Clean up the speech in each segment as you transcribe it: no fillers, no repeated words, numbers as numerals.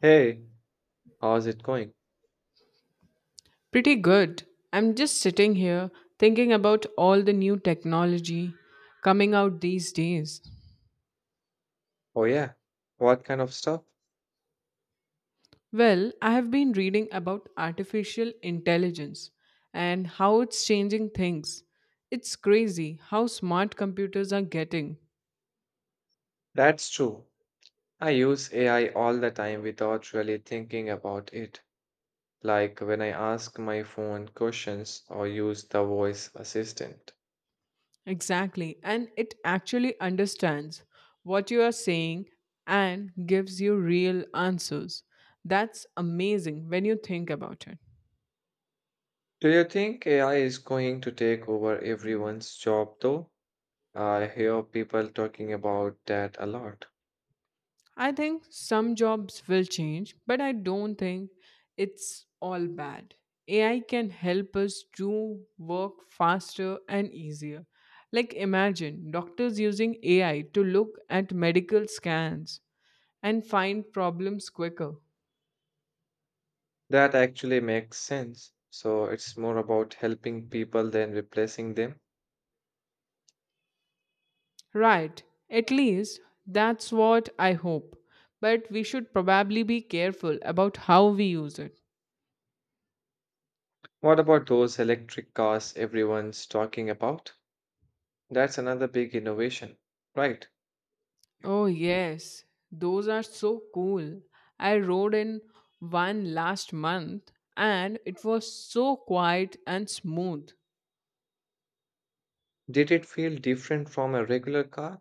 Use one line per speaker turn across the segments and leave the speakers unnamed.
Hey, how's it going?
Pretty good. I'm just sitting here thinking about all the new technology coming out these days.
Oh, yeah. What kind of stuff?
Well, I have been reading about artificial intelligence and how it's changing things. It's crazy how smart computers are getting.
That's true. I use AI all the time without really thinking about it, like when I ask my phone questions or use the voice assistant.
Exactly, and it actually understands what you are saying and gives you real answers. That's amazing when you think about it.
Do you think AI is going to take over everyone's job, though? I hear people talking about that a lot.
I think some jobs will change, but I don't think it's all bad. AI can help us do work faster and easier. Like, imagine doctors using AI to look at medical scans and find problems quicker.
That actually makes sense. So it's more about helping people than replacing them.
Right, at least that's what I hope. But we should probably be careful about how we use it.
What about those electric cars everyone's talking about? That's another big innovation. Right.
Oh, yes, those are so cool. I rode in one last month and it was so quiet and smooth.
Did it feel different from a regular car?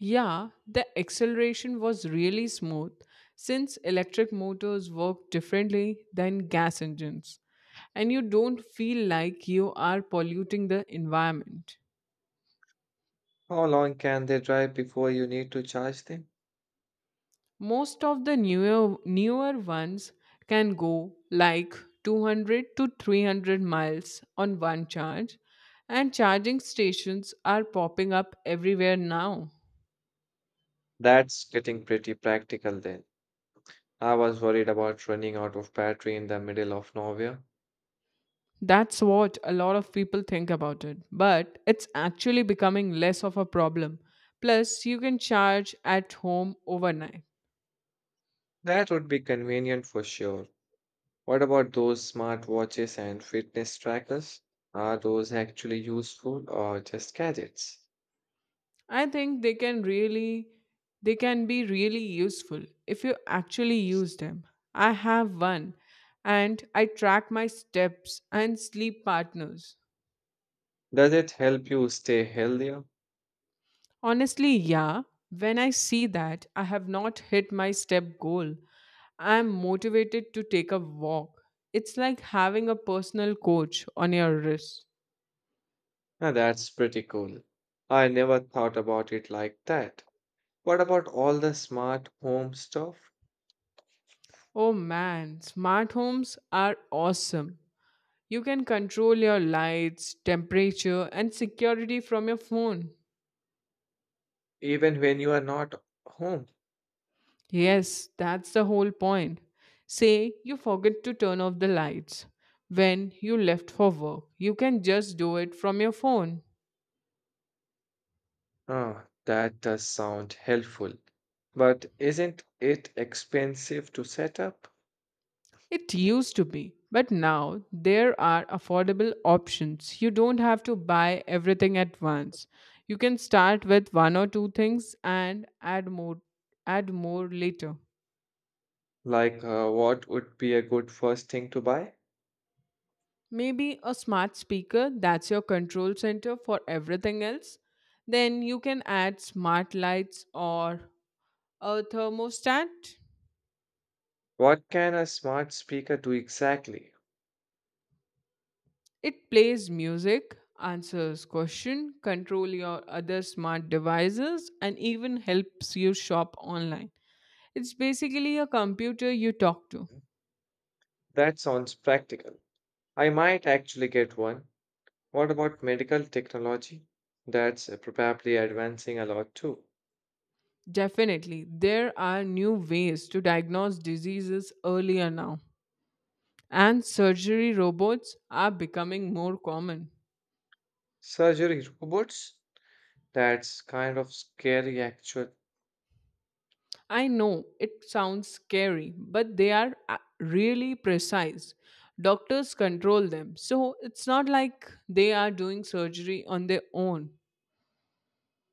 Yeah, the acceleration was really smooth since electric motors work differently than gas engines, and you don't feel like you are polluting the environment.
How long can they drive before you need to charge them?
Most of the newer ones can go like 200 to 300 miles on one charge, and charging stations are popping up everywhere now.
That's getting pretty practical then. I was worried about running out of battery in the middle of nowhere.
That's what a lot of people think about it, but it's actually becoming less of a problem. Plus you can charge at home overnight.
That would be convenient for sure. What about those smartwatches and fitness trackers? Are those actually useful or just gadgets?
I think they can be really useful if you actually use them. I have one and I track my steps and sleep partners.
Does it help you stay healthier?
Honestly, yeah, when I see that I have not hit my step goal, I am motivated to take a walk. It's like having a personal coach on your wrist.
Now that's pretty cool. I never thought about it like that. What about all the smart home stuff?
Oh man, smart homes are awesome. You can control your lights, temperature, and security from your phone.
Even when you are not home?
Yes, that's the whole point. Say you forget to turn off the lights when you left for work. You can just do it from your phone.
Ah, that does sound helpful. But isn't it expensive to set up?
It used to be, but now there are affordable options. You don't have to buy everything at once. You can start with one or two things and add more later.
What would be a good first thing to buy?
Maybe a smart speaker that's your control center for everything else. Then you can add smart lights or a thermostat.
What can a smart speaker do exactly?
It plays music, answers question, control your other smart devices and even helps you shop online. It's basically a computer you talk to.
That sounds practical. I might actually get one. What about medical technology? That's probably advancing a lot too.
Definitely, there are new ways to diagnose diseases earlier now, and surgery robots are becoming more common.
Surgery robots? That's kind of scary actually.
I know it sounds scary, but they are really precise. Doctors control them. So it's not like they are doing surgery on their own.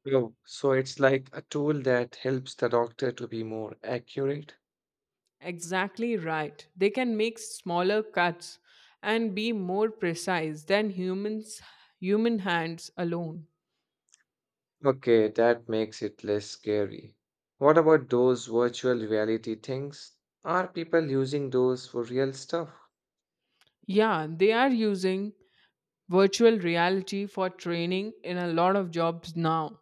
Oh, so it's like a tool that helps the doctor to be more accurate?
Exactly right. They can make smaller cuts and be more precise than human hands alone.
Okay, that makes it less scary. What about those virtual reality things? Are people using those for real stuff?
Yeah, they are using virtual reality for training in a lot of jobs now.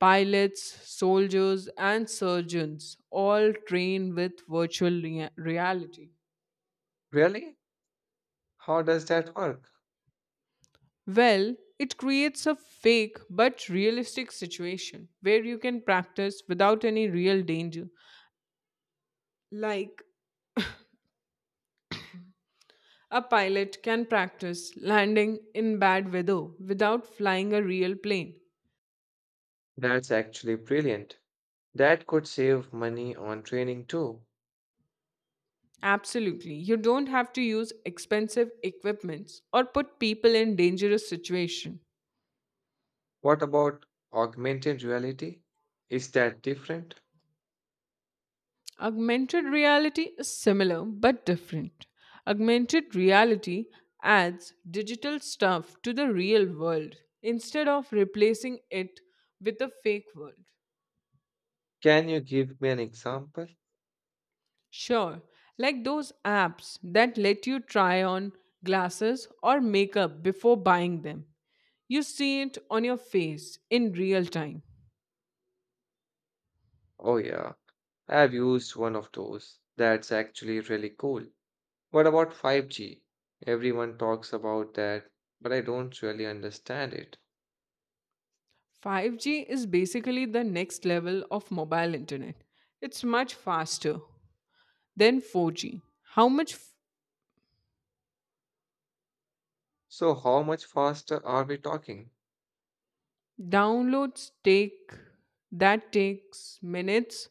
Pilots, soldiers, and surgeons all train with reality.
Really? How does that work?
Well, it creates a fake but realistic situation where you can practice without any real danger. Like a pilot can practice landing in bad weather without flying a real plane.
That's actually brilliant. That could save money on training too.
Absolutely. You don't have to use expensive equipments or put people in dangerous situation.
What about augmented reality? Is that different?
Augmented reality is similar but different. Augmented reality adds digital stuff to the real world instead of replacing it with a fake world.
Can you give me an example?
Sure, like those apps that let you try on glasses or makeup before buying them. You see it on your face in real time.
Oh, yeah, I've used one of those. That's actually really cool. What about 5G? Everyone talks about that, but I don't really understand it.
5G is basically the next level of mobile internet. It's much faster than 4G.
So, how much faster are we talking?
Downloads take that takes minutes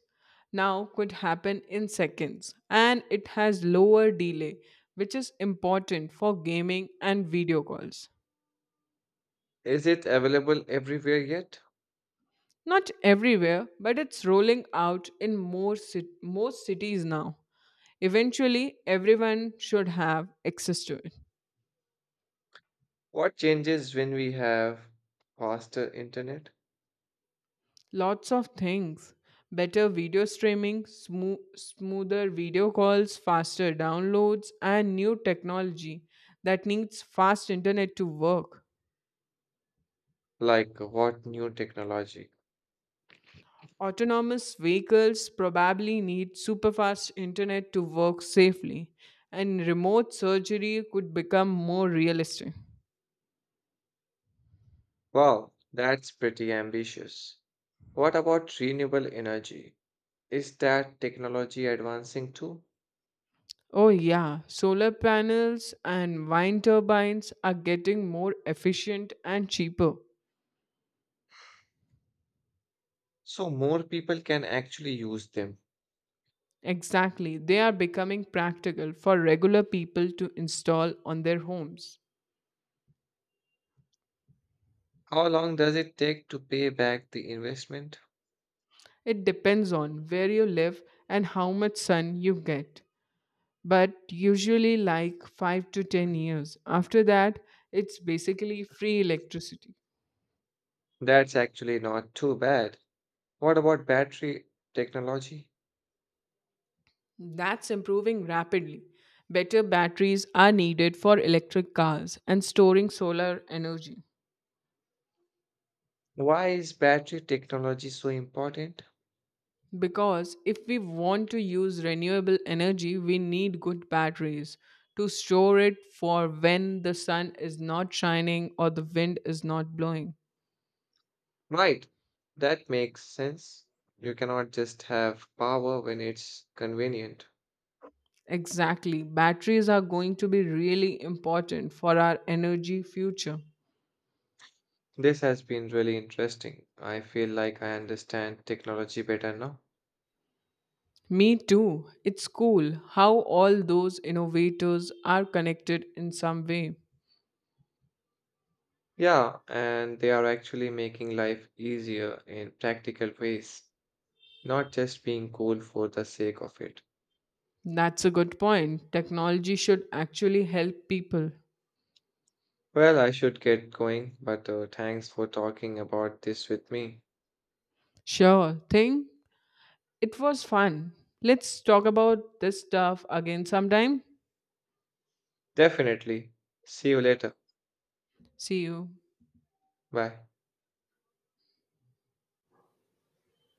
now could happen in seconds, and it has lower delay which is important for gaming and video calls.
Is it available everywhere yet?
Not everywhere, but it's rolling out in most cities now. Eventually everyone should have access to it.
What changes when we have faster internet?
Lots of things. Better video streaming, smoother video calls, faster downloads, and new technology that needs fast internet to work.
Like, what new technology?
Autonomous vehicles probably need superfast internet to work safely, and remote surgery could become more realistic.
Wow, that's pretty ambitious. What about renewable energy? Is that technology advancing too?
Oh, yeah, solar panels and wind turbines are getting more efficient and cheaper.
So more people can actually use them.
Exactly. They are becoming practical for regular people to install on their homes.
How long does it take to pay back the investment?
It depends on where you live and how much sun you get, but usually like 5 to 10 years. After that, it's basically free electricity.
That's actually not too bad. What about battery technology?
That's improving rapidly. Better batteries are needed for electric cars and storing solar energy.
Why is battery technology so important?
Because if we want to use renewable energy, we need good batteries to store it for when the sun is not shining or the wind is not blowing.
Right, that makes sense. You cannot just have power when it's convenient.
Exactly. Batteries are going to be really important for our energy future.
This has been really interesting. I feel like I understand technology better now.
Me too. It's cool how all those innovators are connected in some way.
Yeah, and they are actually making life easier in practical ways, not just being cool for the sake of it.
That's a good point. Technology should actually help people.
Well, I should get going, but thanks for talking about this with me.
Sure thing. It was fun. Let's talk about this stuff again sometime.
Definitely. See you later.
See you.
Bye.